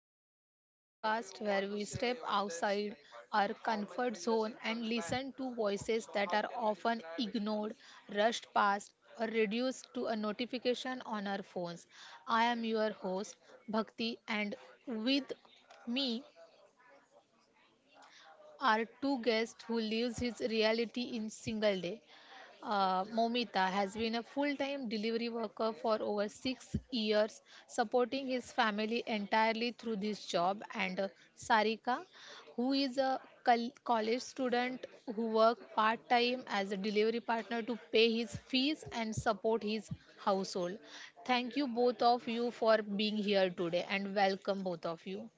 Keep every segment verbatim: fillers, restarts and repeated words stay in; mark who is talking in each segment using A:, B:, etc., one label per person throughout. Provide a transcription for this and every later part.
A: Unfiltered, the podcast where we step outside our comfort zone and listen to voices that are often ignored, rushed past, or reduced to a notification on our phones. I am your host, Bhakti, and with me are two guests who lives his reality in single day. Uh, Momita has been a full-time delivery worker for over six years, supporting his family entirely through this job. And uh, Sarika, who is a col- college student who works part-time as a delivery partner to pay his fees and support his household. Thank you both of you for being here today, and welcome both of you.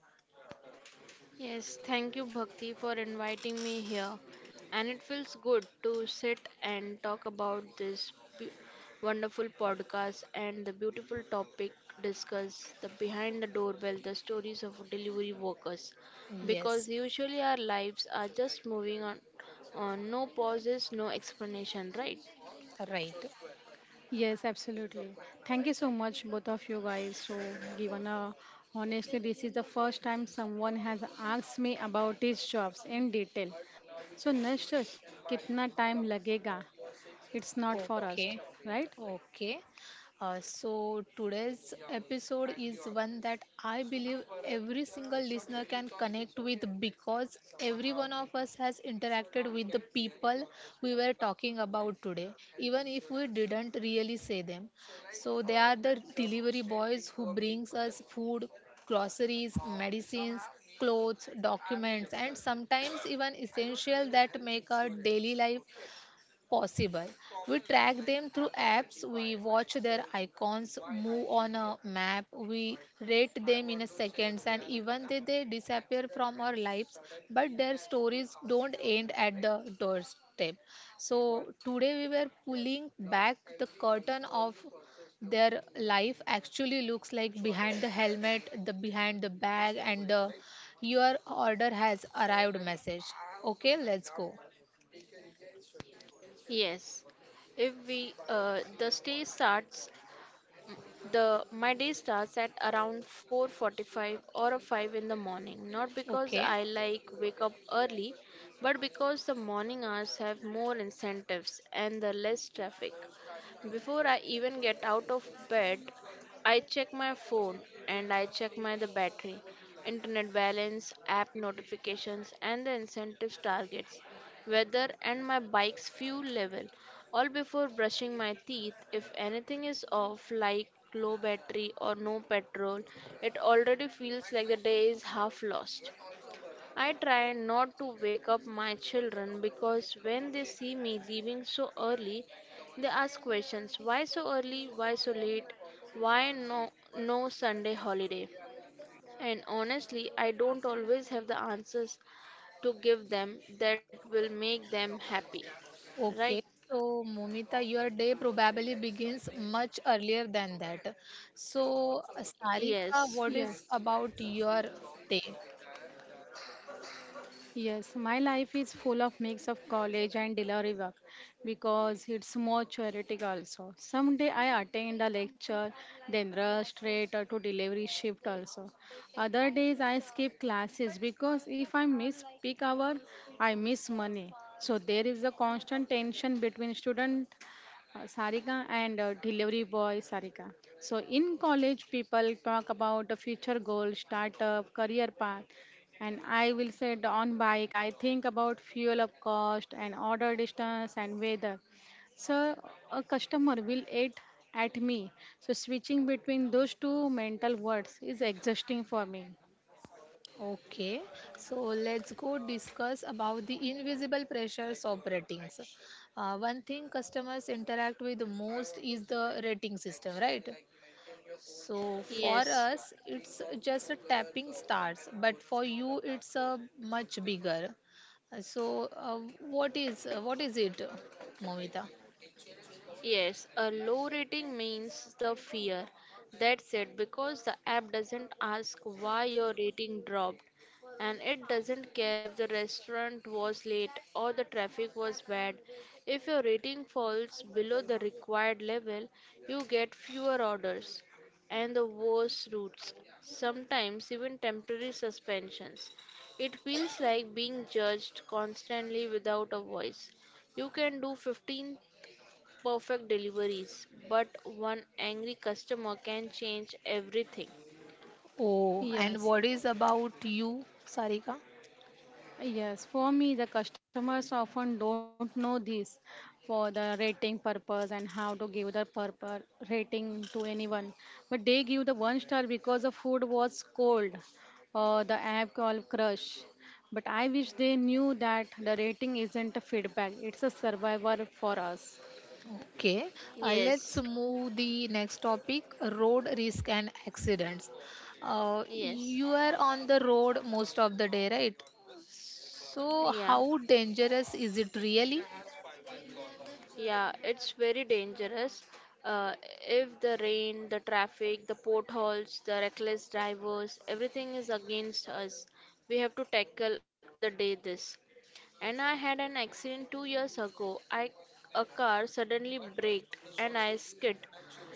B: Yes, thank you, Bhakti, for inviting me here. And it feels good to sit and talk about this beau- wonderful podcast and the beautiful topic discuss the behind the doorbell, the stories of delivery workers. Because
A: Yes,
B: usually our lives are just moving on, on no pauses, no explanation, right?
A: right.
C: Yes, absolutely. Thank you so much, both of you guys. So, given a honestly, this is the first time someone has asked me about these jobs in detail. So, next, kitna time lagega? It's not for us,
A: Okay,
C: right?
A: okay. Uh, so today's episode is one that I believe every single listener can connect with because every one of us has interacted with the people we were talking about today, even if we didn't really say them. So they are the delivery boys who brings us food, groceries, medicines, clothes, documents, and sometimes even essential that make our daily life possible. We track them through apps, we watch their icons move on a map, we rate them in a seconds, and even though they disappear from our lives, but their stories don't end at the doorstep. So today we were pulling back the curtain of their life actually looks like behind the helmet, the behind the bag, and the your order has arrived message. Okay, let's go.
B: Yes. If we uh, the stay starts The my day starts at around four forty-five or a five in the morning, not because I
A: Okay.
B: like wake up early, but because the morning hours have more incentives and the less traffic. Before I even get out of bed, I check my phone and I check my the battery, internet balance, app notifications and the incentives targets, weather and my bike's fuel level all before brushing my teeth. If anything is off, like low battery or no petrol, it already feels like the day is half lost. I try not to wake up my children because when they see me leaving so early, they ask questions why so early, why so late, why no, no Sunday holiday. And honestly, I don't always have the answers to give them that will make them happy. Right?
A: Okay, so Momita, your day probably begins much earlier than that. So,
B: Yes.
A: Sarika, what
C: Yes.
A: is about your day?
C: Yes, my life is full of mix of college and delivery work because it's more theoretic also. Someday I attend a lecture, then rush straight to delivery shift also. Other days I skip classes because if I miss peak hour, I miss money. So there is a constant tension between student uh, Sarika and uh, delivery boy Sarika. So in college, people talk about the future goal, startup, career path, and I will say the on bike. I think about fuel up cost and order distance and weather. So a customer will eat at me. So switching between those two mental words is exhausting for me.
A: Okay, so let's go discuss about the invisible pressures of ratings. Uh, one thing customers interact with the most is the rating system, right? So
B: Yes,
A: for us, it's just a tapping stars, but for you, it's a much bigger. Uh, So uh, what is uh, what is it, uh, Momita?
B: yes, a low rating means the fear. That's it, because the app doesn't ask why your rating dropped, and it doesn't care if the restaurant was late or the traffic was bad. If your rating falls below the required level, you get fewer orders and the worse routes, sometimes even temporary suspensions. It feels like being judged constantly without a voice. You can do fifteen perfect deliveries, but one angry customer can change everything.
A: Oh, and
C: Yes.
A: what is about you, Sarika?
C: Yes, for me, the customers often don't know this for the rating purpose and how to give the purpose rating to anyone. But they give the one star because the food was cold, or the app called Crush. But I wish they knew that the rating isn't a feedback; it's a survivor for us.
A: Okay, uh, let's
B: Yes,
A: move the next topic: road risk and accidents. Uh,
B: yes,
A: you are on the road most of the day, right? So
B: yeah,
A: how dangerous is it really?
B: yeah, it's very dangerous. Uh, if the rain, the traffic, the potholes, the reckless drivers, everything is against us, we have to tackle all the day this. And I had an accident two years ago. I A car suddenly braked and I skid.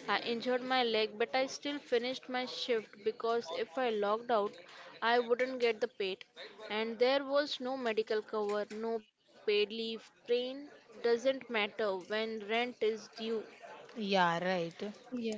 B: I injured my leg, but I still finished my shift because if I logged out, I wouldn't get the paid. And there was no medical cover, no paid leave. Pain doesn't matter when rent is due.
A: Yeah, right.
C: Yeah.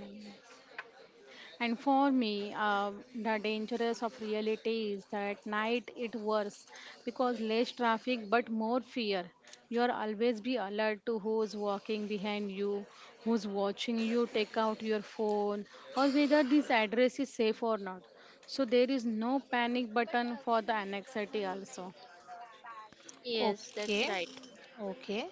C: And for me, uh, the dangerous of reality is that night it worse because less traffic but more fear. You're always be alert to who's walking behind you, who's watching you take out your phone, or whether this address is safe or not. So there is no panic button for the anxiety also.
B: Yes, that's
A: Okay,
B: right.
A: okay.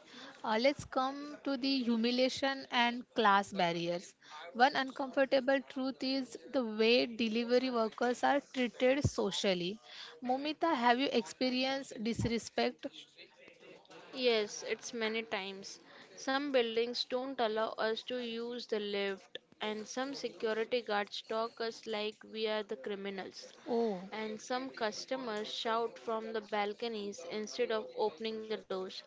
A: Uh, let's come to the humiliation and class barriers. One uncomfortable truth is the way delivery workers are treated socially. Momita, have you experienced disrespect?
B: Yes, it's many times. Some buildings don't allow us to use the lift, and some security guards talk us like we are the criminals.
A: Oh,
B: And some customers shout from the balconies instead of opening the doors.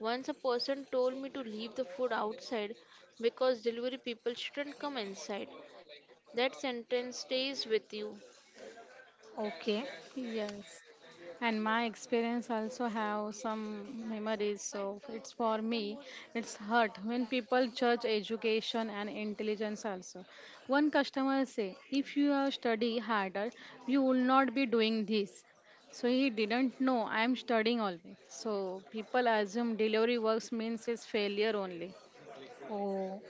B: Once a person told me to leave the food outside because delivery people shouldn't come inside. That sentence stays with you.
A: okay.
C: Yes. And my experience also have some memories. So it's for me, it's hurt when people judge education and intelligence also. One customer say, if you have study harder, you will not be doing this. So he didn't know I am studying always. So people assume delivery works means it's failure only.
A: Oh,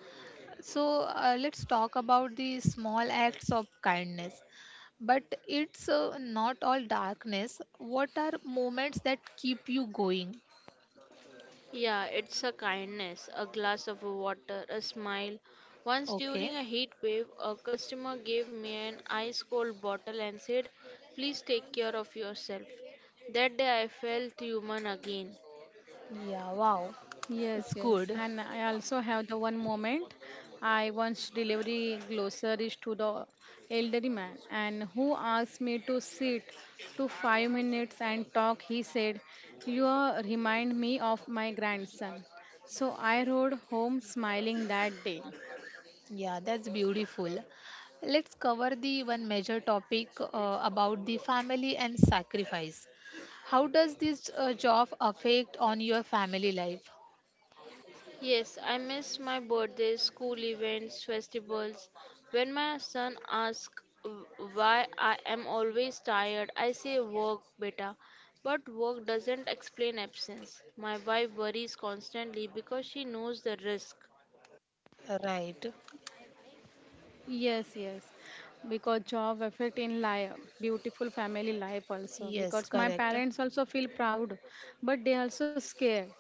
A: so uh, let's talk about the small acts of kindness. But it's uh, not all darkness. What are moments that keep you going?
B: Yeah, it's a kindness, a glass of water, a smile. Once
A: Okay.
B: during a heat wave, a customer gave me an ice cold bottle and said, please take care of yourself. That day I felt human again.
A: Yeah, wow.
C: Yes,
A: It's
C: yes. And
A: good.
C: I also have the one moment I once delivery groceries to the elderly man and who asked me to sit to five minutes and talk. He said, You are- remind me of my grandson. So I rode home smiling that day.
A: Yeah, that's beautiful. Let's cover the one major topic uh, about the family and sacrifice. How does this uh, job affect on your family life?
B: Yes, I miss my birthdays, school events, festivals. When my son asks why I am always tired, I say work, beta. But work doesn't explain absence. My wife worries constantly because she knows the risk.
A: Right.
C: Yes, yes. Because job affect in life, beautiful family life also.
A: Yes,
C: Because my
A: correct.
C: parents also feel proud, but they also scared.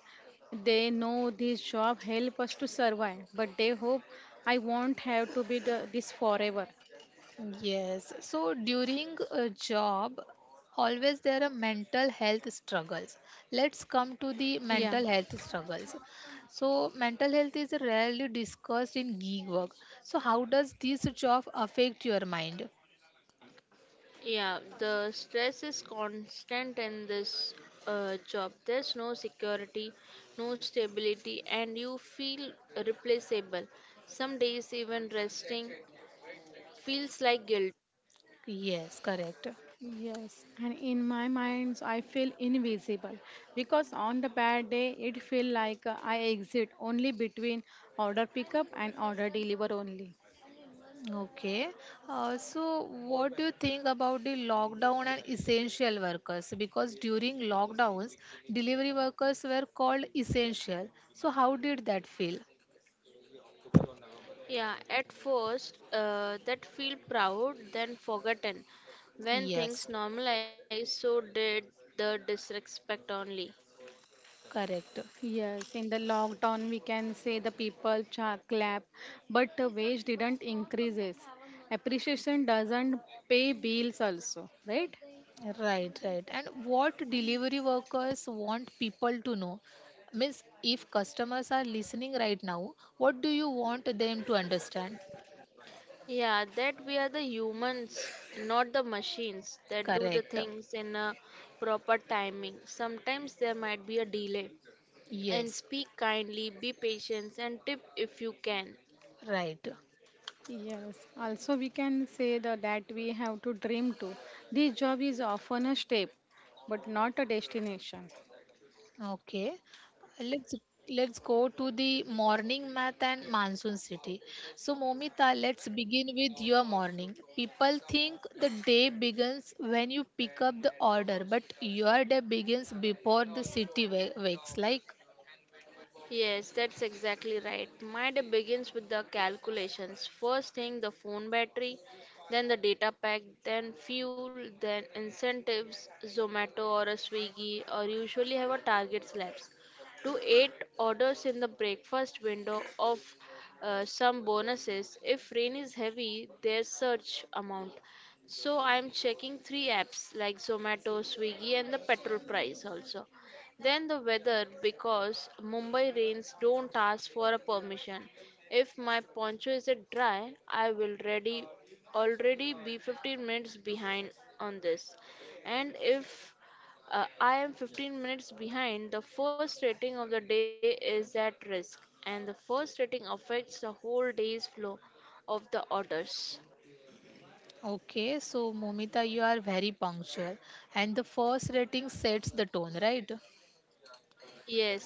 C: They know this job help us to survive, but they hope I won't have to be the, this forever.
A: Yes. So during a job, always there are mental health struggles. Let's come to the
C: Yeah,
A: mental health struggles. So mental health is rarely discussed in gig work. So how does this job affect your mind?
B: Yeah, the stress is constant in this uh, job. There's no security, no stability, and you feel replaceable. Some days, even resting feels like guilt.
A: Yes, correct.
C: yes. And in my mind, I feel invisible because on the bad day, it feel like uh, I exit only between order pickup and order deliver only.
A: Okay. Uh, so what do you think about the lockdown and essential workers? Because during lockdowns, delivery workers were called essential. So how did that feel?
B: Yeah, at first, uh, that feel proud, then forgotten. When
A: Yes.
B: things normalize, so did the disrespect only.
A: Correct.
C: Yes, in the lockdown, we can say the people cha clap, but the wage didn't increases. Appreciation doesn't pay bills also, right?
A: Right, right. And what delivery workers want people to know? Means if customers are listening right now, what do you want them to understand?
B: Yeah, that we are the humans, not the machines that do the
A: Correct.
B: things in a proper timing. Sometimes there might be a delay. And
A: Yes.
B: speak kindly, be patient, and tip if you can.
A: Right.
C: Yes, also we can say the, that we have to dream too. This job is often a step, but not a destination.
A: Okay. Let's let's go to the morning math and monsoon city. So Momita, let's begin with your morning. People think the day begins when you pick up the order, but your day begins before the city wa- wakes. Like
B: Yes, that's exactly right. My day begins with the calculations. First thing, the phone battery, then the data pack, then fuel, then incentives, Zomato or a Swiggy, or usually have a target slabs. To eight orders in the breakfast window of uh, some bonuses. If rain is heavy, there's search amount. So I'm checking three apps like Zomato, Swiggy, and the petrol price also. Then the weather because Mumbai rains don't ask for a permission. If my poncho isn't dry, I will ready already be fifteen minutes behind on this. And if uh, I am fifteen minutes behind, the first rating of the day is at risk, and the first rating affects the whole day's flow of the orders.
A: okay, so Momita, you are very punctual, and the first rating sets the tone, right?
B: Yes,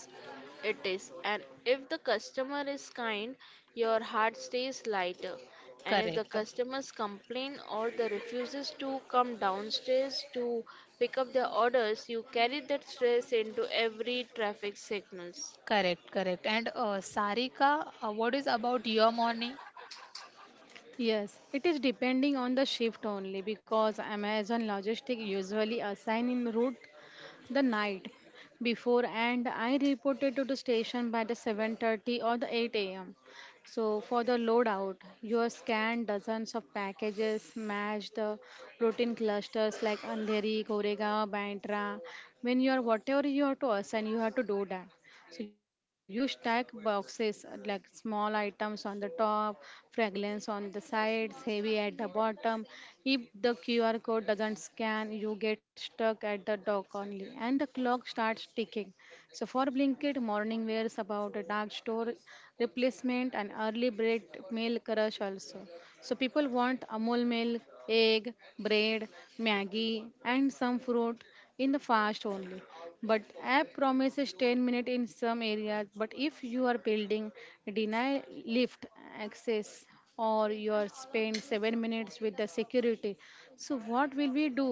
B: it is. And if the customer is kind, your heart stays lighter. And if the
A: Correct,
B: customers complain or they refuses to come downstairs to pick up their orders, you carry that stress into every traffic signals.
A: correct, correct. And uh, Sarika, uh, what is about your morning?
C: Yes, it is depending on the shift only because Amazon logistic usually assign in route the night before and I reported to the station by the seven thirty or the eight a m. So for the loadout, you scan dozens of packages, match the routine clusters like Andheri, Koregaon, Bandra. When you are whatever you have to assign, you have to do that. So you stack boxes uh, like small items on the top, fragrance on the sides, heavy at the bottom. If the Q R code doesn't scan, you get stuck at the dock only, and the clock starts ticking. So for Blinkit, morning wears about a dark store replacement and early bread milk rush also. So people want Amul milk, egg, bread, Maggie, and some fruit in the fast only, but app promises ten minutes in some areas. But if you are building deny lift access, or you are spend seven minutes with the security, so what will we do?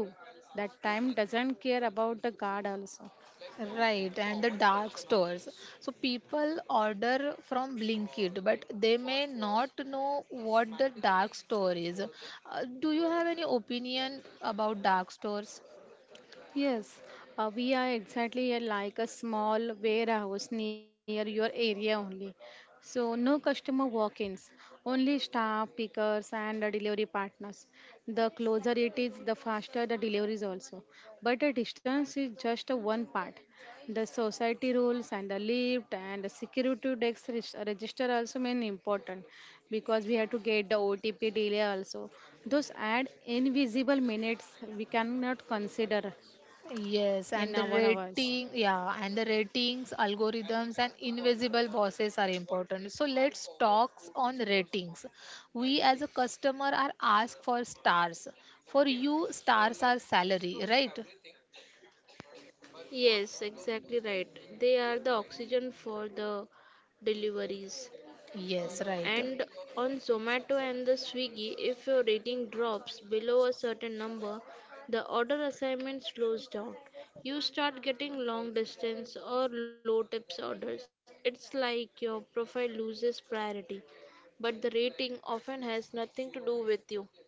C: That time doesn't care about the guard also.
A: Right, and the dark stores. So people order from Blinkit, but they may not know what the dark store is. Uh, do you have any opinion about dark stores?
C: Yes, uh, we are exactly a- like a small warehouse near your area only. So no customer walk-ins, only staff, pickers, and uh, delivery partners. The closer it is, the faster the deliveries also. But the distance is just uh, one part. The society rules and the lift and the security desk res- register also mean important because we have to get the O T P delay also. Those add invisible minutes we cannot consider
A: Yes, and
C: in
A: the
C: our hours.
A: rating, yeah, and the ratings, algorithms, and invisible bosses are important. So let's talk on ratings. We as a customer are asked for stars. For you, stars are salary, right?
B: Yes, exactly right. They are the oxygen for the deliveries.
A: Yes, right.
B: And on Zomato and the Swiggy, if your rating drops below a certain number, the order assignment slows down. You start getting long distance or low tips orders. It's like your profile loses priority, but the rating often has nothing to do with you.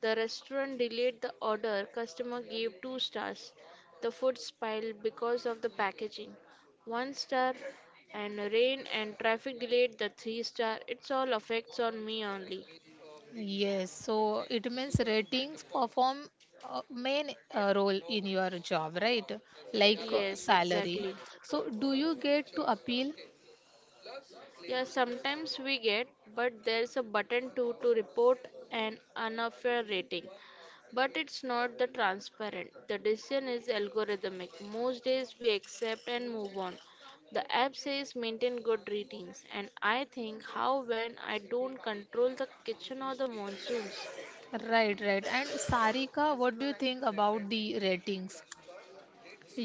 B: The restaurant delayed the order customer gave two stars, the food spoiled because of the packaging, one star, and rain and traffic delayed the three star. It's all affects on me only.
A: Yes, so it means ratings perform a main uh, role in your job, right? Like uh,
B: Yes,
A: salary.
B: exactly.
A: So do you get to appeal?
B: Yeah, sometimes we get, but there's a button too to report an unfair rating. But it's not the transparent. The decision is algorithmic. Most days we accept and move on. The app says maintain good ratings, and I think how when I don't control the kitchen or the monsoons.
A: Right, right. And Sarika, what do you think about the ratings?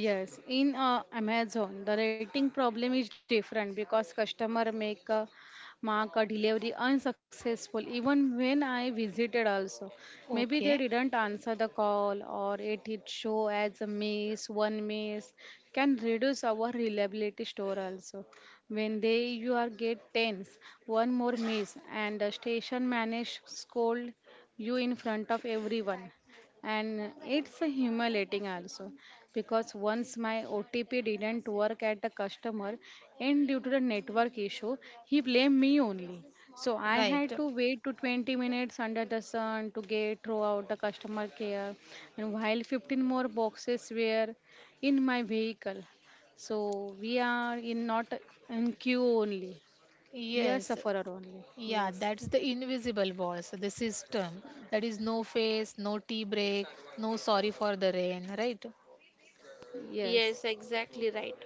C: Yes, in uh, Amazon, the rating problem is different because customer make a mark a delivery unsuccessful. Even when I visited, also maybe they
A: Okay,
C: didn't answer the call, or it it show as a miss. One miss can reduce our reliability store also. When they you are get tens, one more miss and the station manage scold you in front of everyone, and it's a humiliating also, because once my O T P didn't work at the customer and due to the network issue, he blamed me only. So I
A: right.
C: had to wait to twenty minutes under the sun to get throughout the customer care, and while fifteen more boxes were in my vehicle. So we are in not in queue only. We are
A: Yes.
C: sufferer only.
A: Yeah,
C: Yes.
A: that's the invisible boss, the system. That is no face, no tea break, no sorry for the rain, right?
B: Yes,
C: Yes.
B: exactly right.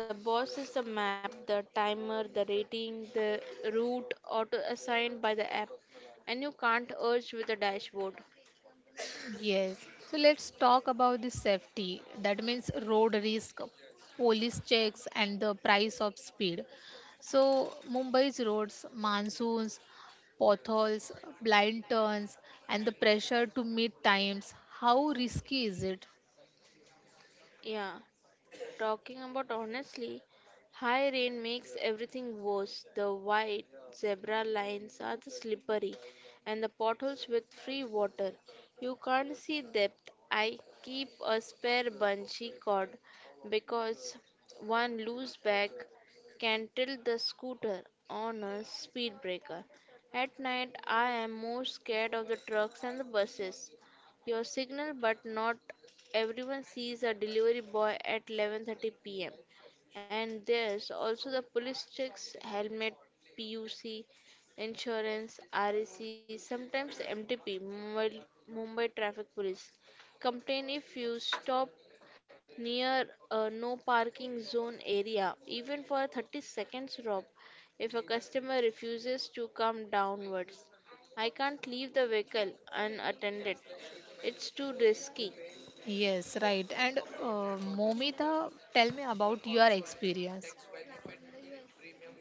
B: The boss is the map, the timer, the rating, the route auto assigned by the app, and you can't urge with the dashboard.
A: Yes. So let's talk about the safety. That means road risk, police checks, and the price of speed. So Mumbai's roads, monsoons, potholes, blind turns, and the pressure to meet times. How risky is it?
B: Yeah, talking about honestly, high rain makes everything worse. The white zebra lines are the slippery and the potholes with free water. You can't see depth. I keep a spare bungee cord because one loose bag can tilt the scooter on a speed breaker. At night, I am more scared of the trucks and the buses. Your signal, but not everyone sees a delivery boy at eleven thirty p m. And there's also the police checks, helmet, P U C, insurance, R E C, sometimes M T P, Mumbai, Mumbai Traffic Police. Complain if you stop near a no parking zone area, even for a thirty seconds rob. If a customer refuses to come downwards, I can't leave the vehicle unattended. It's too risky.
A: Yes, right. And uh, Momita, tell me about your experience.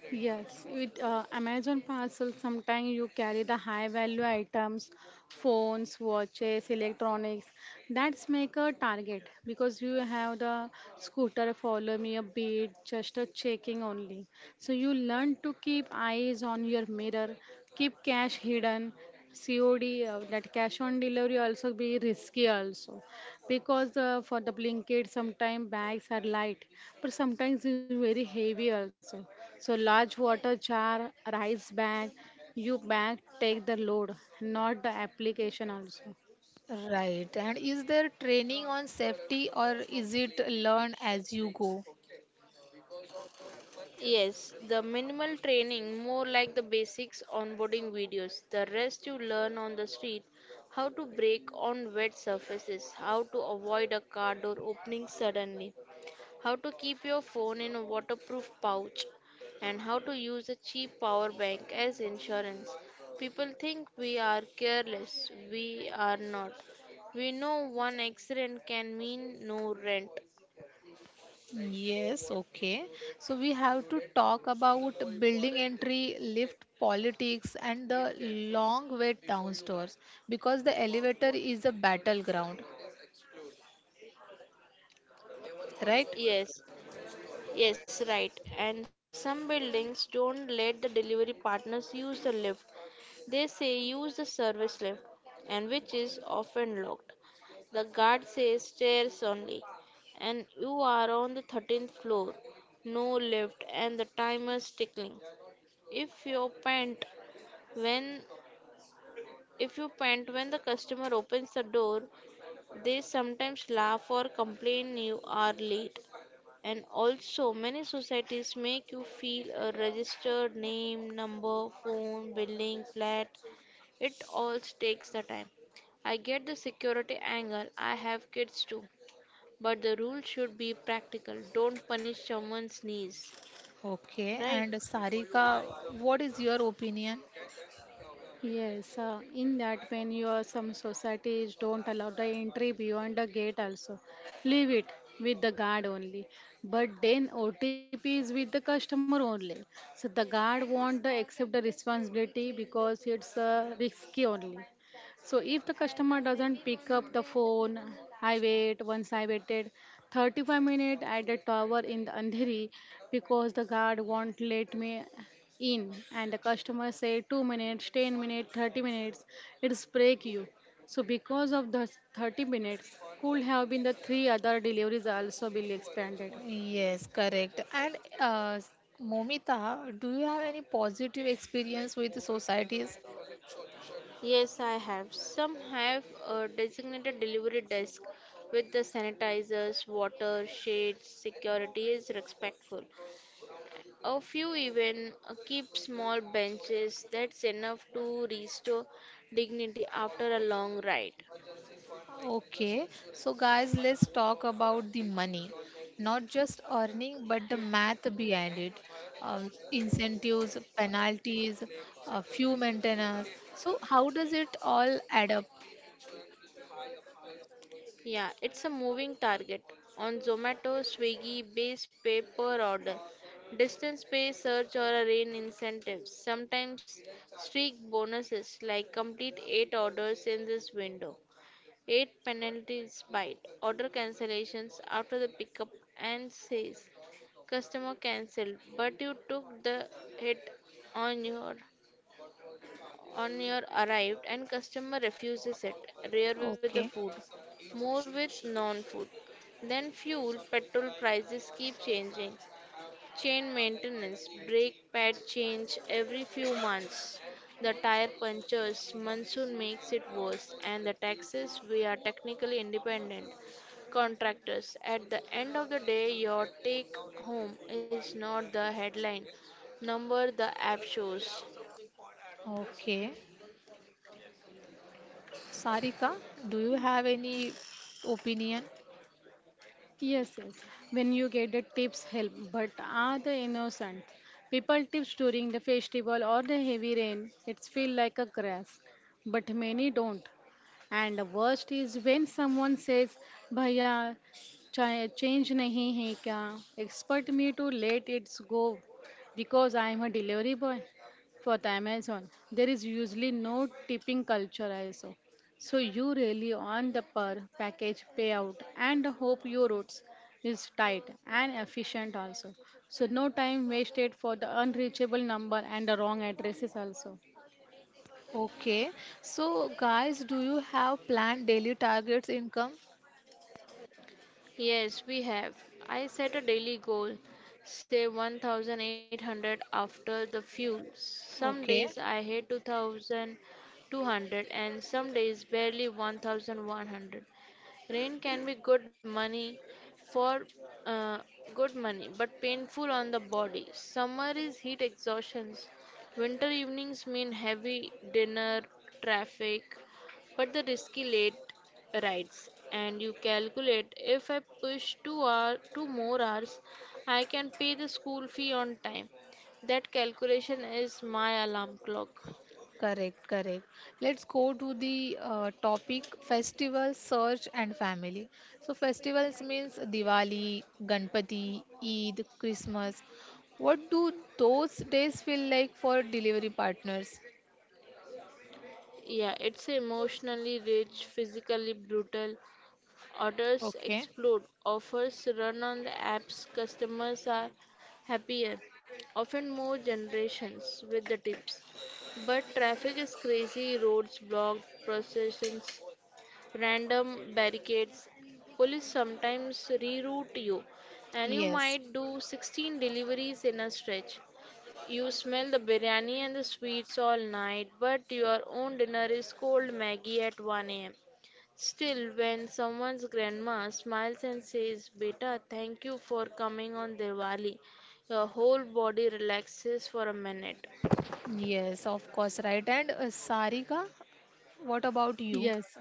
C: Yes, with uh, Amazon parcel, sometimes you carry the high value items, phones, watches, electronics. That's make a target because you have the scooter follow me a bit, just a checking only. So you learn to keep eyes on your mirror, keep cash hidden, C O D uh, that cash on delivery also be risky also, because uh, for the blanket sometimes bags are light but sometimes it's very heavy also. So large water jar, rice bag, you bag take the load, not the application also.
A: Right. And is there training on safety or is it learn as you go?
B: Yes, the minimal training, more like the basics onboarding videos. The rest you learn on the street how to brake on wet surfaces, how to avoid a car door opening suddenly, how to keep your phone in a waterproof pouch, and how to use a cheap power bank as insurance. People think we are careless, we are not. We know one accident can mean no rent.
A: Yes, okay. So we have to talk about building entry, lift politics, and the long wait downstairs because the elevator is a battleground, right?
B: Yes, yes, right. And some buildings don't let the delivery partners use the lift. They say use the service lift, and which is often locked. The guard says stairs only, and you are on the thirteenth floor. No lift, and the timer's ticking. If you pant when if you pant when the customer opens the door, they sometimes laugh or complain you are late. And also, many societies make you feel a registered name, number, phone, building, flat. It all takes the time. I get the security angle. I have kids too. But the rule should be practical. Don't punish someone's knees.
A: Okay,
B: Right?
A: and Sarika, what is your opinion?
C: Yes, uh, in that when your some societies don't allow the entry beyond the gate also, leave it with the guard only. But then O T P is with the customer only. So the guard won't the accept the responsibility because it's uh, risky only. So if the customer doesn't pick up the phone, I wait. Once I waited thirty-five minutes at the tower in the Andheri because the guard won't let me in, and the customer said two minutes, ten minutes, thirty minutes, it's break you. So because of the thirty minutes could have been the three other deliveries also will expanded.
A: Yes, correct. And uh, Momita, do you have any positive experience with the societies?
B: Yes, I have. Some have a designated delivery desk with the sanitizers, water, shades. Security is respectful. A few even uh, keep small benches that's enough to restore dignity after a long ride.
A: Okay, so guys, let's talk about the money. Not just earning, but the math behind it. Um, incentives, penalties, uh, few maintenance. So, how does it all add up?
B: Yeah, it's a moving target. On Zomato, Swiggy, base pay per order, distance pay search or a rain incentives, sometimes streak bonuses like complete eight orders in this window. eight penalties bite order cancellations after the pickup and says customer cancelled but you took the hit on your on your arrived and customer refuses it rare with the
A: Okay,
B: food more with non food then fuel petrol prices keep changing. Chain maintenance, brake pad change every few months. The tire punctures, monsoon makes it worse, and the taxes, we are technically independent contractors. At the end of the day, your take home is not the headline number the app shows.
A: okay. Sarika, do you have any opinion?
C: Yes, yes. When you get the tips help, but are the innocent people tips during the festival or the heavy rain? It's feel like a crash, but many don't. And the worst is when someone says, Bhaiya, cha- change nahi hai kya? Expect me to let it go because I am a delivery boy for the Amazon. There is usually no tipping culture also. So you really on the per package payout and hope your routes is tight and efficient also. So no time wasted for the unreachable number and the wrong addresses also.
A: Okay, so guys, do you have planned daily targets income?
B: Yes, we have. I set a daily goal, say one thousand eight hundred after the fuel. Some days
A: Okay.
B: I hit two thousand two hundred and some days barely one thousand one hundred. Rain can be good money for uh, good money, but painful on the body. Summer is heat exhaustions. Winter evenings mean heavy dinner, traffic, but the risky late rides. And you calculate if I push two hour, two more hours, I can pay the school fee on time. That calculation is my alarm clock.
A: Correct, correct. Let's go to the uh, topic festival search and family. So festivals means Diwali, Ganpati, Eid, Christmas. What do those days feel like for delivery partners?
B: Yeah, it's emotionally rich, physically brutal, orders
A: Okay.
B: explode, offers run on the apps, customers are happier, often more generations with the tips. But traffic is crazy, roads blocked, processions, random barricades. Police sometimes reroute you, and you
A: Yes.
B: might do sixteen deliveries in a stretch. You smell the biryani and the sweets all night, but your own dinner is cold Maggie at one a m. Still, when someone's grandma smiles and says, beta, thank you for coming on Diwali, your whole body relaxes for a minute.
A: Yes, of course, right. And uh, Sarika, what about you?
C: Yes,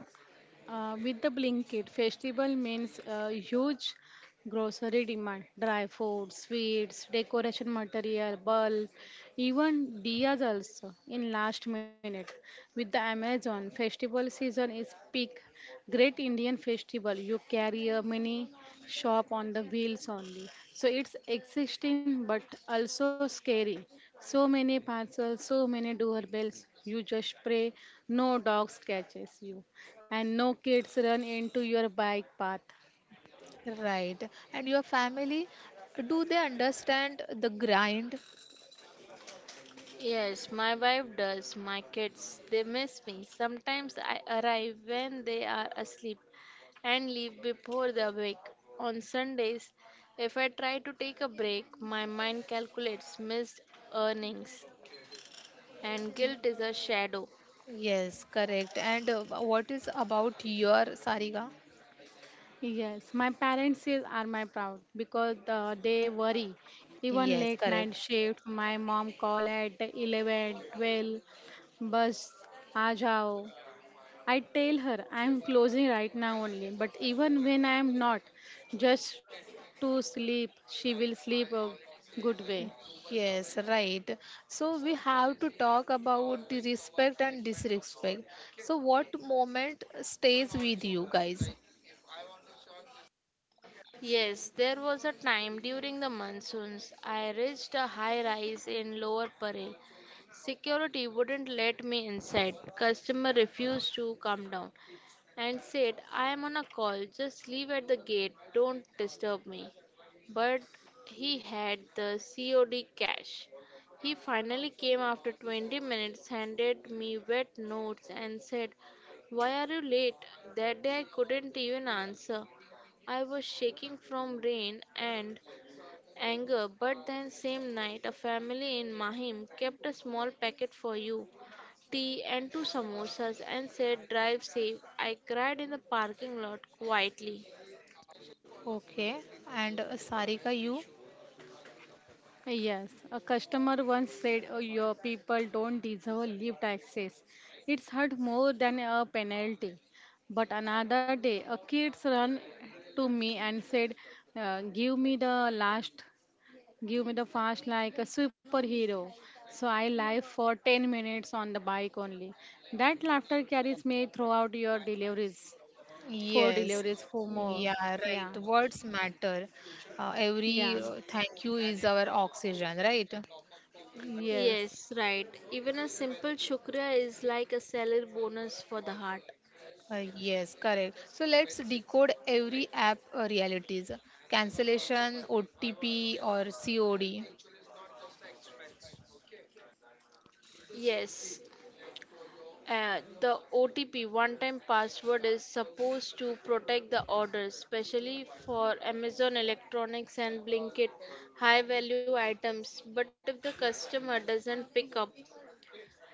C: uh, with the Blinkit festival means uh, huge grocery demand, dry food, sweets, decoration material, bulb, even diyas also in last minute. With the Amazon festival season is peak, great Indian festival. You carry a mini shop on the wheels only. So it's existing but also scary. So many parcels, so many doorbells. You just pray no dogs catches you and no kids run into your bike path.
A: Right. And your family, do they understand the grind?
B: Yes, my wife does. My kids, they miss me. Sometimes I arrive when they are asleep and leave before they awake. On Sundays, if I try to take a break, my mind calculates missed earnings, and guilt is a shadow.
A: Yes, correct. And uh, what is about your Sarika?
C: Yes, my parents is- are my proud because uh, they worry. Even
A: Yes,
C: late night
A: correct.
C: shift, my mom call at eleven, twelve. Bus, आ जाओ I tell her I'm closing right now only, but even when I am not, just to sleep, she will sleep a good way.
A: Yes, right. So we have to talk about the respect and disrespect. So what moment stays with you guys?
B: Yes, there was a time during the monsoons I reached a high rise in Lower Parel. Security wouldn't let me inside. Customer refused to come down and said, "I am on a call, just leave at the gate, don't disturb me." But he had the C O D cash. He finally came after twenty minutes, handed me wet notes, and said, "Why are you late?" That day I couldn't even answer. I was shaking from rain and anger, but then same night a family in Mahim kept a small packet for you, tea and two samosas, and said, "Drive safe." I cried in the parking lot quietly.
A: Okay. And uh, Sarika, you?
C: Yes, a customer once said "Oh, your people don't deserve lift access. It's hurt more than a penalty. But another day, a kid ran to me and said, uh, Give me the last Give me the fast like a superhero. So I live for ten minutes on the bike only. That laughter carries me throughout your deliveries. Four
A: Yes.
C: deliveries, four more.
A: Yeah,
C: Yeah.
A: right. Words matter. Uh,
C: Yeah.
A: every uh, thank you is our oxygen, right?
C: Yes.
B: Yes, right. Even a simple shukriya is like a salary bonus for the heart.
A: Uh, yes, correct. So let's decode every app uh, realities. Cancellation, O T P, or C O D.
B: Yes. Uh, the O T P one time password is supposed to protect the orders, especially for Amazon Electronics and Blinkit high value items. But if the customer doesn't pick up,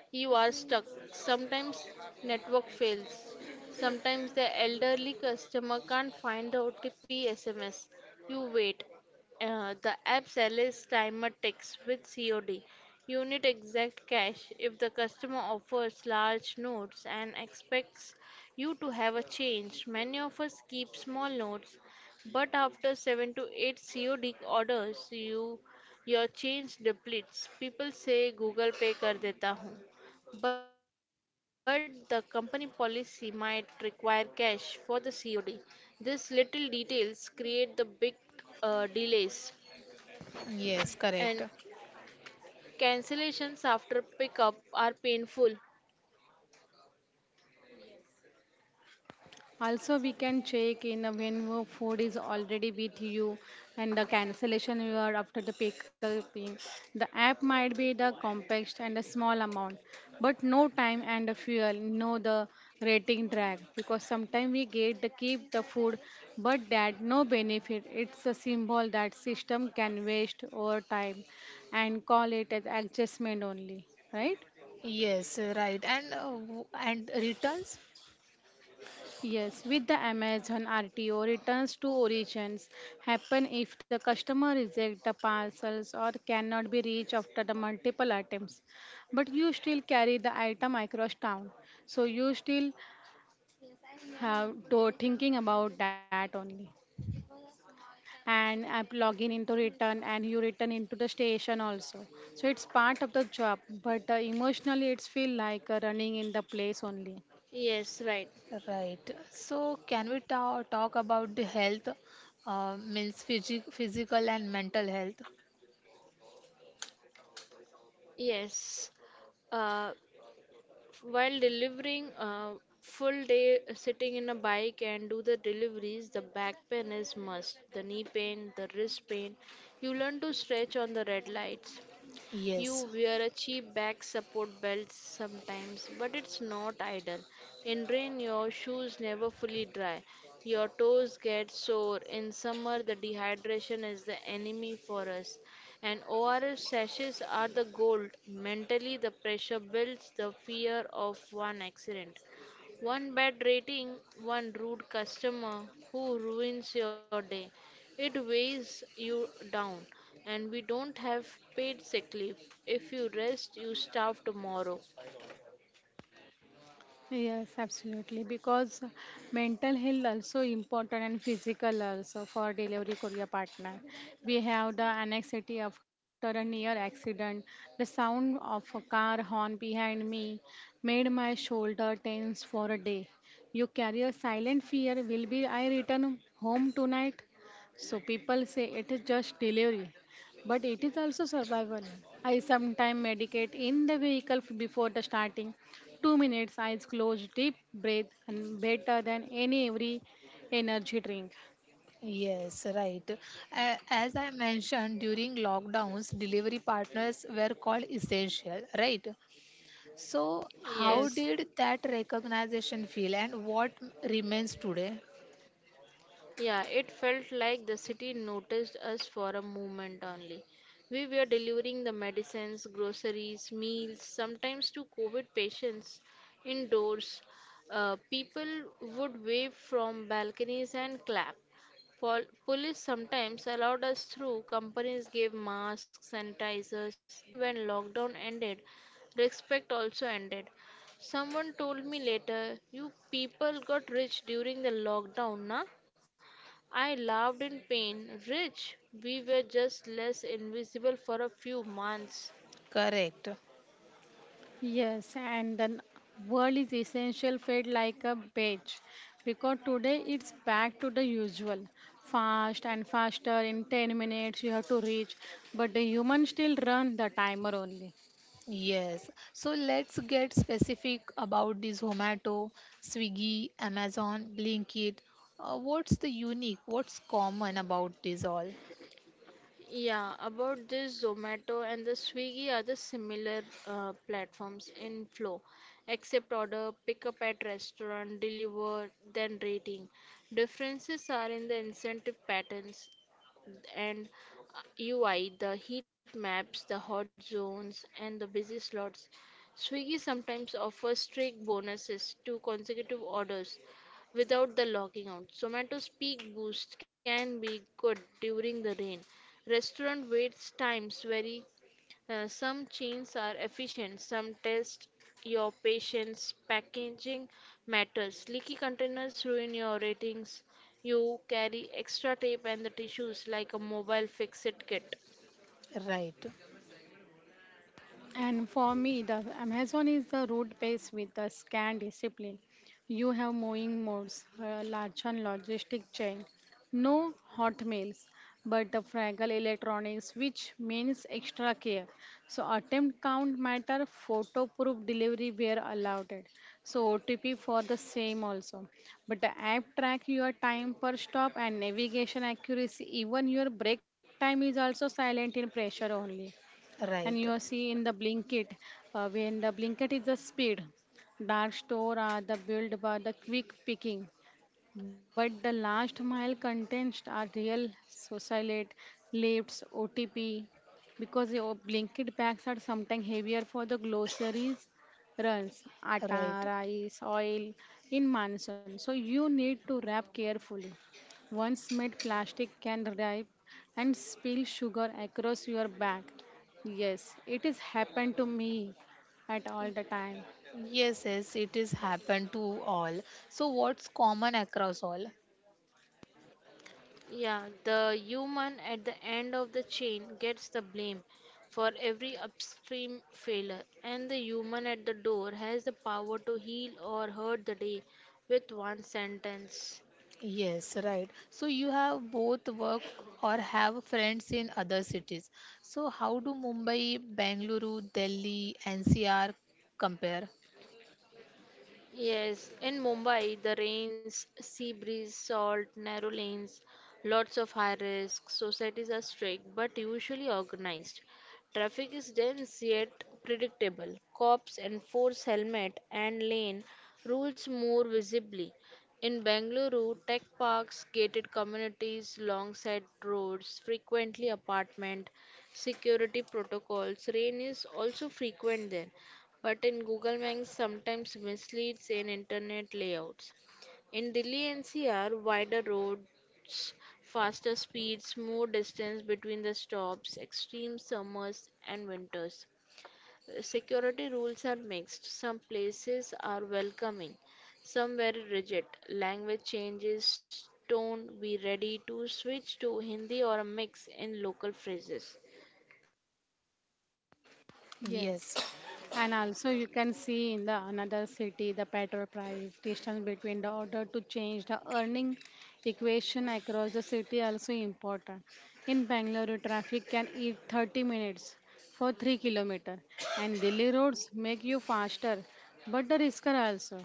B: you are stuck. Sometimes network fails. Sometimes the elderly customer can't find the O T P S M S. You wait. Uh, the app sells timer ticks with C O D. You need exact cash if the customer offers large notes and expects you to have a change. Many of us keep small notes, but after seven to eight C O D orders, you your change depletes. People say Google Pay कर देता हूँ, but the company policy might require cash for the C O D. These little details create the big uh, delays,
A: Yes,
B: and
A: correct.
B: cancellations after pickup are painful.
C: Also, we can check in uh, when wo- food is already with you and the cancellation you are after the picking. The app might be the compact and a small amount, but no time and the fuel, no the rating drag because sometimes we get the keep the food, but that no benefit. It's a symbol that system can waste over time and call it as adjustment only, right?
A: Yes, right. And uh, w- and returns,
C: Yes, with the Amazon R T O, returns to origins happen if the customer rejects the parcels or cannot be reached after the multiple attempts. But you still carry the item across town, so you still have to thinking about that only. And app login into return, and you return into the station also. So it's part of the job, but uh, emotionally it's feel like uh, running in the place only.
B: Yes, right.
A: right. So can we ta talk about the health, uh, means physic physical and mental health?
B: Yes. Uh, While delivering a full day sitting in a bike and do the deliveries, the back pain is must, the knee pain, the wrist pain. You learn to stretch on the red lights. You
A: Yes.
B: wear a cheap back support belt sometimes, but it's not ideal. In rain, your shoes never fully dry. Your toes get sore. In summer, the dehydration is the enemy for us. And O R S sashes are the gold. Mentally, the pressure builds the fear of one accident, one bad rating, one rude customer who ruins your day. It weighs you down. And we don't have paid sick leave. If you rest, you starve tomorrow.
C: Yes, absolutely. Because mental health also important and physical also for delivery career partner. We have the anxiety after a near accident. The sound of a car horn behind me made my shoulder tense for a day. You carry a silent fear. Will be I return home tonight? So people say it is just delivery, but it is also survival. I sometimes medicate in the vehicle f- before the starting. Two minutes, eyes closed, deep breath, and better than any every energy drink.
A: Yes, right. A- As I mentioned, during lockdowns, delivery partners were called essential, right? So how
B: Yes.
C: Yes,
A: did that recognition feel and what remains today?
B: Yeah, it felt like the city noticed us for a moment only. We were delivering the medicines, groceries, meals, sometimes to COVID patients indoors. Uh, people would wave from balconies and clap. Pol- police sometimes allowed us through, companies gave masks, sanitizers. Then, when lockdown ended, respect also ended. Someone told me later, "You people got rich during the lockdown, na?" I loved in pain. Rich, we were just less invisible for a few months.
A: Correct.
C: yes, and the world is essential fed like a page because today it's back to the usual fast and faster. In ten minutes you have to reach, but the human still run the timer only.
A: Yes, so let's get specific about this: Zomato, Swiggy, Amazon, Blinkit. Uh, what's the unique, what's common about this all?
B: Yeah, about this, Zomato and the Swiggy are the similar uh, platforms in flow. Accept order, pick up at restaurant, deliver, then rating. Differences are in the incentive patterns and uh, U I, the heat maps, the hot zones, and the busy slots. Swiggy sometimes offers strict bonuses to consecutive orders without the logging out. Zomato's peak boost can be good during the rain. Restaurant wait times vary. Uh, some chains are efficient, some test your patience. Packaging matters. Leaky containers ruin your ratings. You carry extra tape and the tissues like a mobile fix it kit.
A: Right,
C: And for me, the Amazon is the route base with the scan discipline. You have mowing modes, a large and logistic chain, no hot meals, but the fragile electronics, which means extra care. So attempt count matter, photo proof delivery were allowed. So O T P for the same also. But the app track your time per stop and navigation accuracy. Even your break time is also silent in pressure only, and you are
A: right,
C: see in the blinket. Uh, when the blinket is the speed, dark store are the built by the quick picking, but the last mile contents are real socialite, lifts, O T P, because your blanket bags are sometimes heavier for the groceries runs, atta,
A: right.
C: rice, oil in monsoon. So you need to wrap carefully. Once made plastic can ripe and spill sugar across your bag. Yes, it is happened to me at all the time.
A: Yes, yes, it is happened to all. So what's common across all?
B: Yeah, the human at the end of the chain gets the blame for every upstream failure, and the human at the door has the power to heal or hurt the day with one sentence.
A: Yes, right. So you have both work or have friends in other cities. So how do Mumbai, Bengaluru, Delhi, N C R compare?
B: Yes, in Mumbai, the rains, sea breeze, salt, narrow lanes, lots of high risk. Societies are strict but usually organized. Traffic is dense yet predictable. Cops enforce helmet and lane rules more visibly. In Bengaluru, tech parks, gated communities, long side roads, frequently apartment, security protocols. Rain is also frequent there, but in Google Maps sometimes misleads in internet layouts. In Delhi N C R, wider roads, faster speeds, more distance between the stops, extreme summers and winters. Security rules are mixed. Some places are welcoming, some very rigid. Language changes, tone, be ready to switch to Hindi or a mix in local phrases.
C: Yes.
A: Yes.
C: And also you can see in the another city the petrol price distance between the order to change the earning equation across the city also important. In Bangalore traffic can eat thirty minutes for three kilometer, and Delhi roads make you faster but the risker also.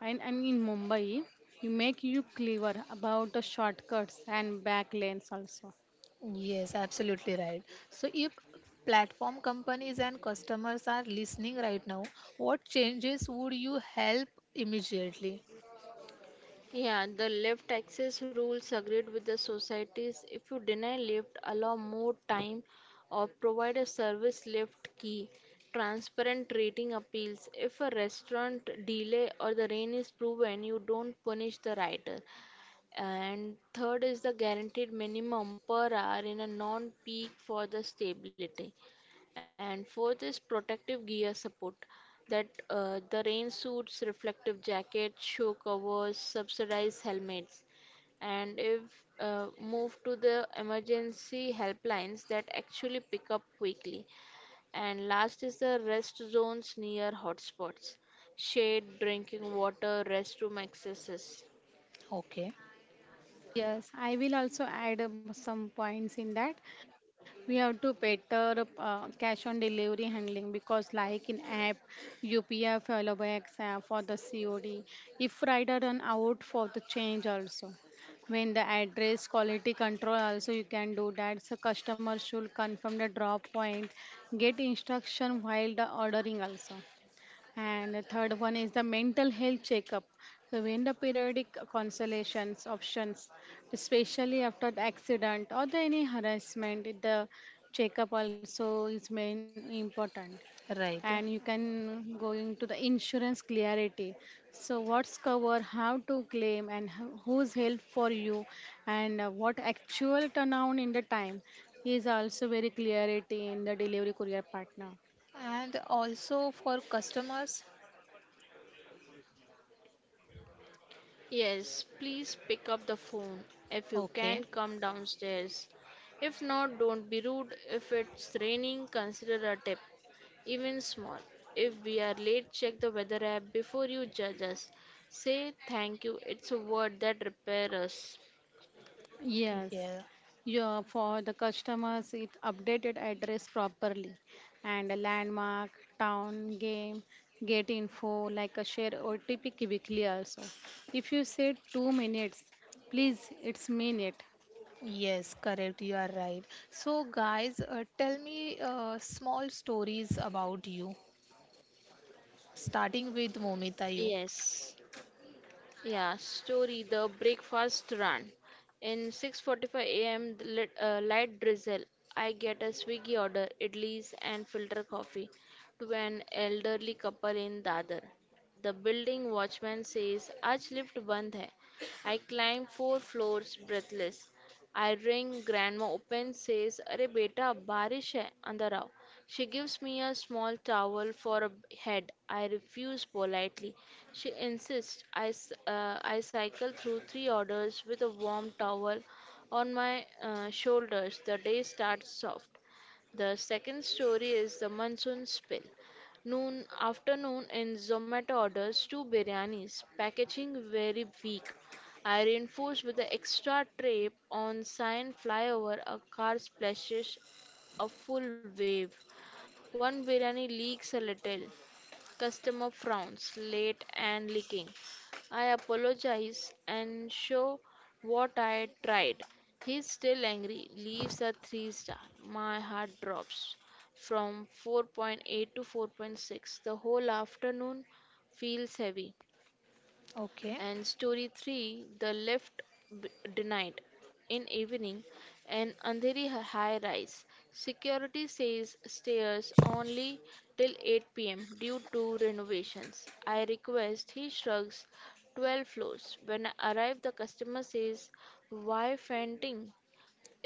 C: And, and in Mumbai you make you clever about the shortcuts and back lanes also.
A: Yes, absolutely right. So, if platform companies and customers are listening right now, what changes would you help immediately?
B: Yeah, the left access rules agreed with the societies. If you deny lift, allow more time or provide a service lift key. Transparent rating appeals. If a restaurant delay or the rain is proven, you don't punish the rider. And third is the guaranteed minimum per hour in a non-peak for the stability. And fourth is protective gear support, that uh, the rain suits, reflective jackets, show covers, subsidized helmets. And if uh, move to the emergency helplines that actually pick up quickly. And last is the rest zones near hotspots, shade, drinking water, restroom accesses.
A: Okay,
C: Yes, I will also add um, some points in that. We have to better uh, cash on delivery handling because, like in app, U P I followbacks uh, for the C O D, if rider run out for the change also. When the address quality control also you can do that. So customer should confirm the drop point, get instruction while the ordering also. And the third one is the mental health checkup. So when the periodic consolations options, especially after the accident or the any harassment, the checkup also is main important. And you
A: right.
C: can go into the insurance clarity. So what's cover, how to claim, and who- who's help for you, and uh, what actual turnaround in the time is also very clarity in the delivery courier partner.
A: And also for customers?
B: Yes, please pick up the phone if you
A: Okay,
B: can come downstairs. If not, don't be rude. If it's raining, consider a tip, even small. If we are late, check the weather app before you judge us. Say thank you, it's a word that repairs us.
C: Yes,
A: yeah.
C: yeah, for the customers, it updated address properly and a landmark, town, game, get info, like a share O T P quickly also. If you say two minutes, please, it's minute.
A: Yes, correct. You are right. So, guys, uh, tell me uh, small stories about you, starting with Momita. You
B: Yes. Yeah, story, The Breakfast Run. In six forty-five a m, the lit- uh, light drizzle. I get a Swiggy order, idlis and filter coffee, to an elderly couple in Dadar. The building watchman says, "Aaj lift band hai." I climb four floors breathless. I ring, grandma opens, says, "Arey beta, बारिश hai, andar aao." She gives me a small towel for a head. I refuse politely. She insists. I, s- uh, I cycle through three orders with a warm towel on my uh, shoulders. The day starts soft. The second story is the monsoon spill. Noon afternoon in Zomato orders two biryanis, packaging very weak. I reinforce with the extra tape on sign flyover. A car splashes a full wave. One biryani leaks a little. Customer frowns, late and leaking. I apologize and show what I tried. He's still angry, leaves a three star. My heart drops from four point eight to four point six. The whole afternoon feels heavy.
A: okay?
B: And story three, the left b- denied, in evening, an andheri high rise. Security says stairs only till eight p m due to renovations. I request, he shrugs. twelve floors. When I arrive, the customer says, "Why fainting?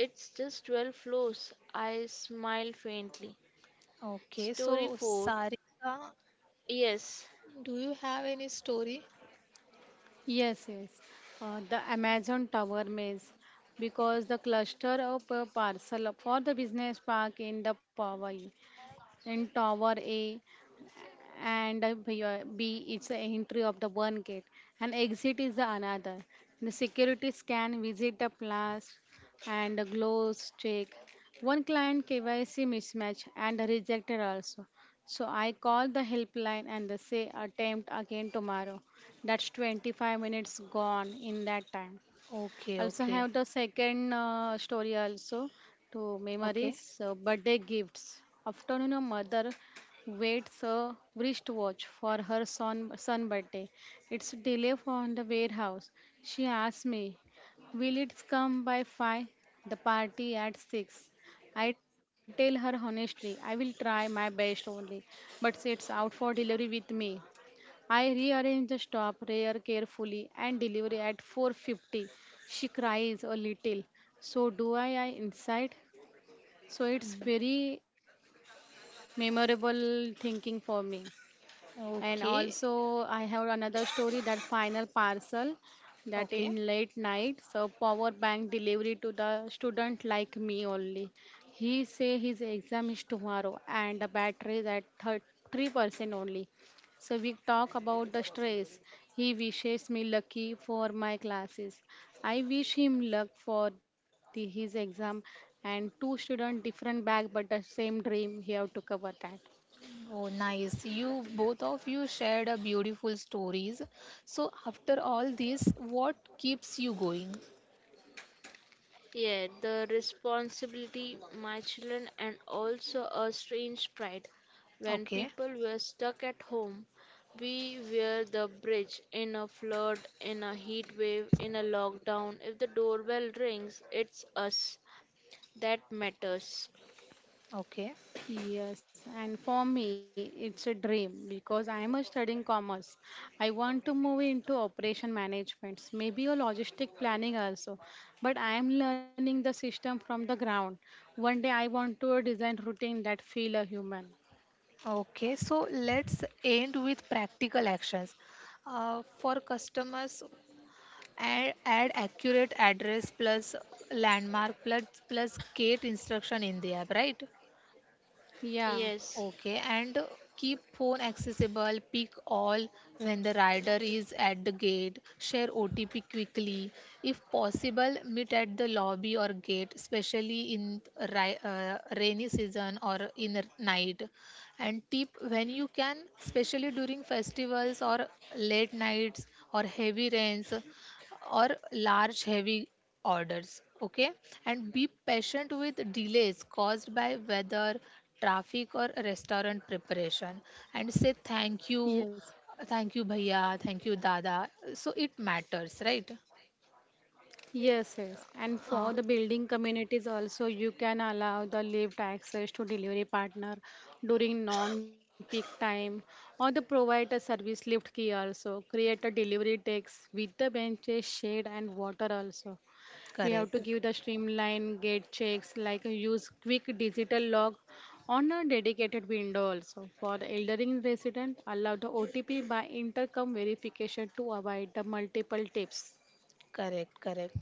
B: It's just twelve floors." I smile faintly.
A: Okay,
B: Story
A: so
B: four.
A: Sarika,
B: Yes.
A: do you have any story?
C: Yes, yes. Uh, the Amazon Tower Maze, because the cluster of uh, parcel for the business park in the Powai, in Tower A, and uh, B uh, B is the entry of the one gate and exit is the another. The security scan visit the plus and the gloves check. One client K Y C mismatch and rejected also. So I call the helpline and they say attempt again tomorrow. That's twenty-five minutes gone in that time.
A: Okay,
C: Also have
A: okay,
C: the second uh, story also, to
A: okay,
C: memories uh, birthday gifts. Afternoon, a mother waits a wristwatch for her son son birthday. It's delay from the warehouse. She asks me, "Will it come by five? The party at six?" I tell her honestly, I will try my best only, but it's out for delivery with me. I rearrange the stop rear carefully and deliver at four fifty. She cries a little. So do I, I inside. So it's
A: mm,
C: very memorable thinking for me. And
A: okay,
C: also, I have another story that final parcel, that
A: okay.
C: in late night, so power bank delivery to the student like me only. He say his exam is tomorrow and the battery is at thirty-three percent only. So we talk about the stress. He wishes me lucky for my classes. I wish him luck for the, his exam, and two student different bag but the same dream. He have to cover that.
A: Oh, nice. You both of you shared a beautiful stories. So after all this, what keeps you going?
B: Yeah, the responsibility, my children, and also a strange pride. When
A: Okay,
B: people were stuck at home, we were the bridge in a flood, in a heat wave, in a lockdown. If the doorbell rings, it's us that matters.
A: okay,
C: Yes, and for me, it's a dream because I am a studying commerce. I want to move into operation management, maybe a logistic planning also. But I am learning the system from the ground. One day I want to design routine that feel a human.
A: okay. So let's end with practical actions. Uh, for customers, add, add accurate address plus landmark plus plus gate instruction in the app, right?
C: Yeah.
B: Yes,
A: Okay, and keep phone accessible, pick all when the rider is at the gate, share O T P quickly. If possible, meet at the lobby or gate, especially in ri- uh, rainy season or in the night. And tip when you can, especially during festivals or late nights or heavy rains, or large heavy orders, okay, and be patient with delays caused by weather, traffic or restaurant preparation, and say thank you,
C: Yes.
A: thank you bhaiya, thank you dada, so it matters, right?
C: Yes, yes. And for
A: uh,
C: the building communities also, you can allow the lift access to delivery partner during non-peak time or the provide a service lift key also. Create a delivery decks with the benches, shade and water also. We have
A: correct
C: to give the streamline gate checks like uh, use quick digital log on a dedicated window also. For elderly resident, allow the O T P by intercom verification to avoid the multiple tips.
A: correct correct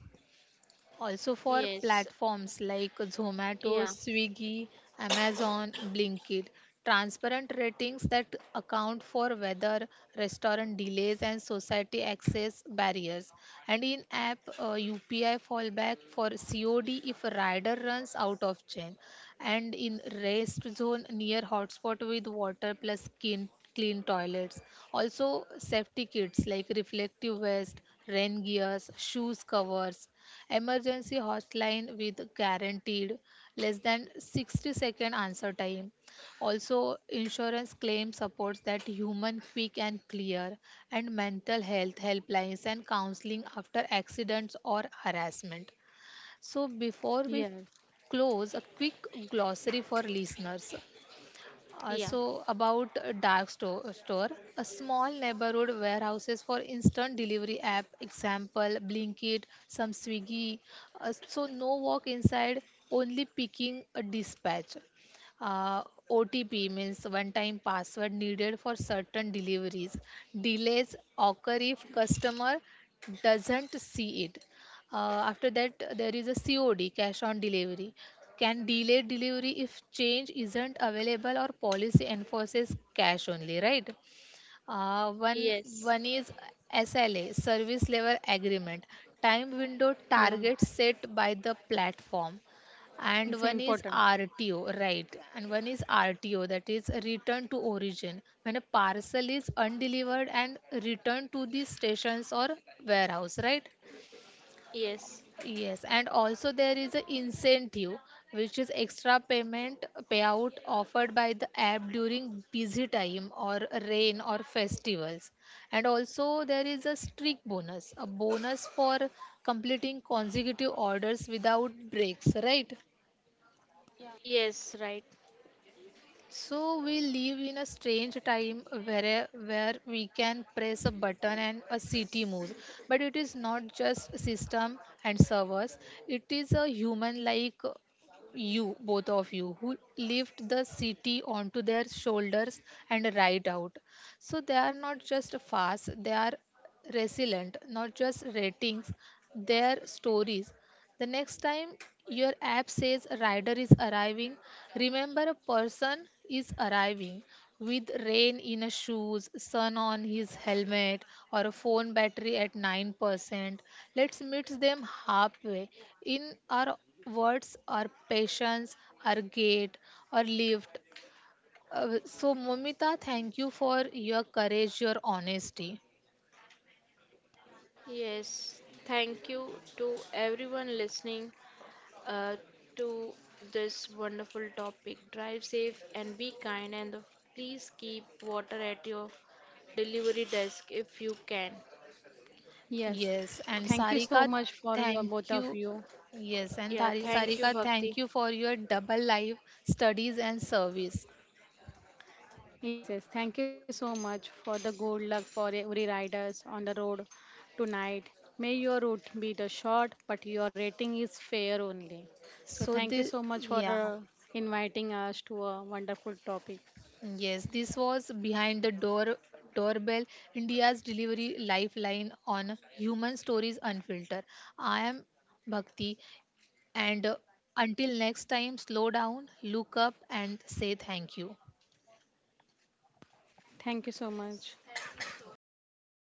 A: Also for
B: yes,
A: platforms like Zomato,
B: yeah,
A: Swiggy, Amazon, Blinkit, transparent ratings that account for weather, restaurant delays and society access barriers. And in app uh, U P I fallback for C O D if a rider runs out of chain. And in rest zone near hotspot with water plus clean, clean toilets. Also safety kits like reflective vest, rain gears, shoes covers, emergency hotline with guaranteed less than sixty second answer time, also insurance claim supports that human quick and clear, and mental health helplines and counseling after accidents or harassment. So before we
C: Yes.
A: close a quick glossary for listeners, uh,
B: yeah,
A: so about uh, dark store, store, a small neighborhood warehouses for instant delivery app, example Blinkit, some Swiggy. Uh, so no walk inside, only picking a dispatch. Uh, O T P means one-time password needed for certain deliveries. Delays occur if customer doesn't see it. Uh, after that, uh, there is a C O D, cash on delivery. Can delay delivery if change isn't available or policy enforces cash only, right? Uh, one
B: yes,
A: one is S L A, service level agreement, time window
C: Yeah,
A: target set by the platform, and
C: it's
A: one is
C: important.
A: R T O, right? And one is R T O, that is return to origin, when a parcel is undelivered and returned to the stations or warehouse, right?
B: yes,
A: Yes, and also there is a incentive, which is extra payment payout offered by the app during busy time or rain or festivals. And also there is a streak bonus, a bonus for completing consecutive orders without breaks, right?
B: yes, right.
A: So we live in a strange time where where we can press a button and a city moves. But it is not just system and servers. It is a human like you, both of you, who lift the city onto their shoulders and ride out. So they are not just fast, they are resilient, not just ratings, their stories. The next time your app says a rider is arriving, remember a person is arriving with rain in his shoes, sun on his helmet, or a phone battery at nine percent. Let's meet them halfway in our words, our patience, our gate, our lift. Uh, so, Momita, thank you for your courage, your honesty.
B: Yes, thank you to everyone listening, uh, to this wonderful topic. Drive safe and be kind, and the, please keep water at your delivery desk if you can.
C: Yes.
A: Yes, and
C: Thank you so
A: Sarika,
C: much for your
A: thank
C: both of
A: you.
C: you.
A: Yes, and
B: Yeah,
A: Thari-
B: thank you,
A: Sarika, thank
B: Bhakti.
A: you for your double life studies and service.
C: Yes, yes. Thank you so much for the good luck for e, every riders on the road tonight. May your route be the short, but your rating is fair only. So
A: So
C: thank you
A: the
C: so much for
A: Yeah,
C: uh, inviting us to a wonderful topic.
A: yes, this was behind the door doorbell India's delivery lifeline on human stories unfiltered. I am Bhakti, and uh, until next time, slow down, look up, and say thank you.
C: Thank you so much.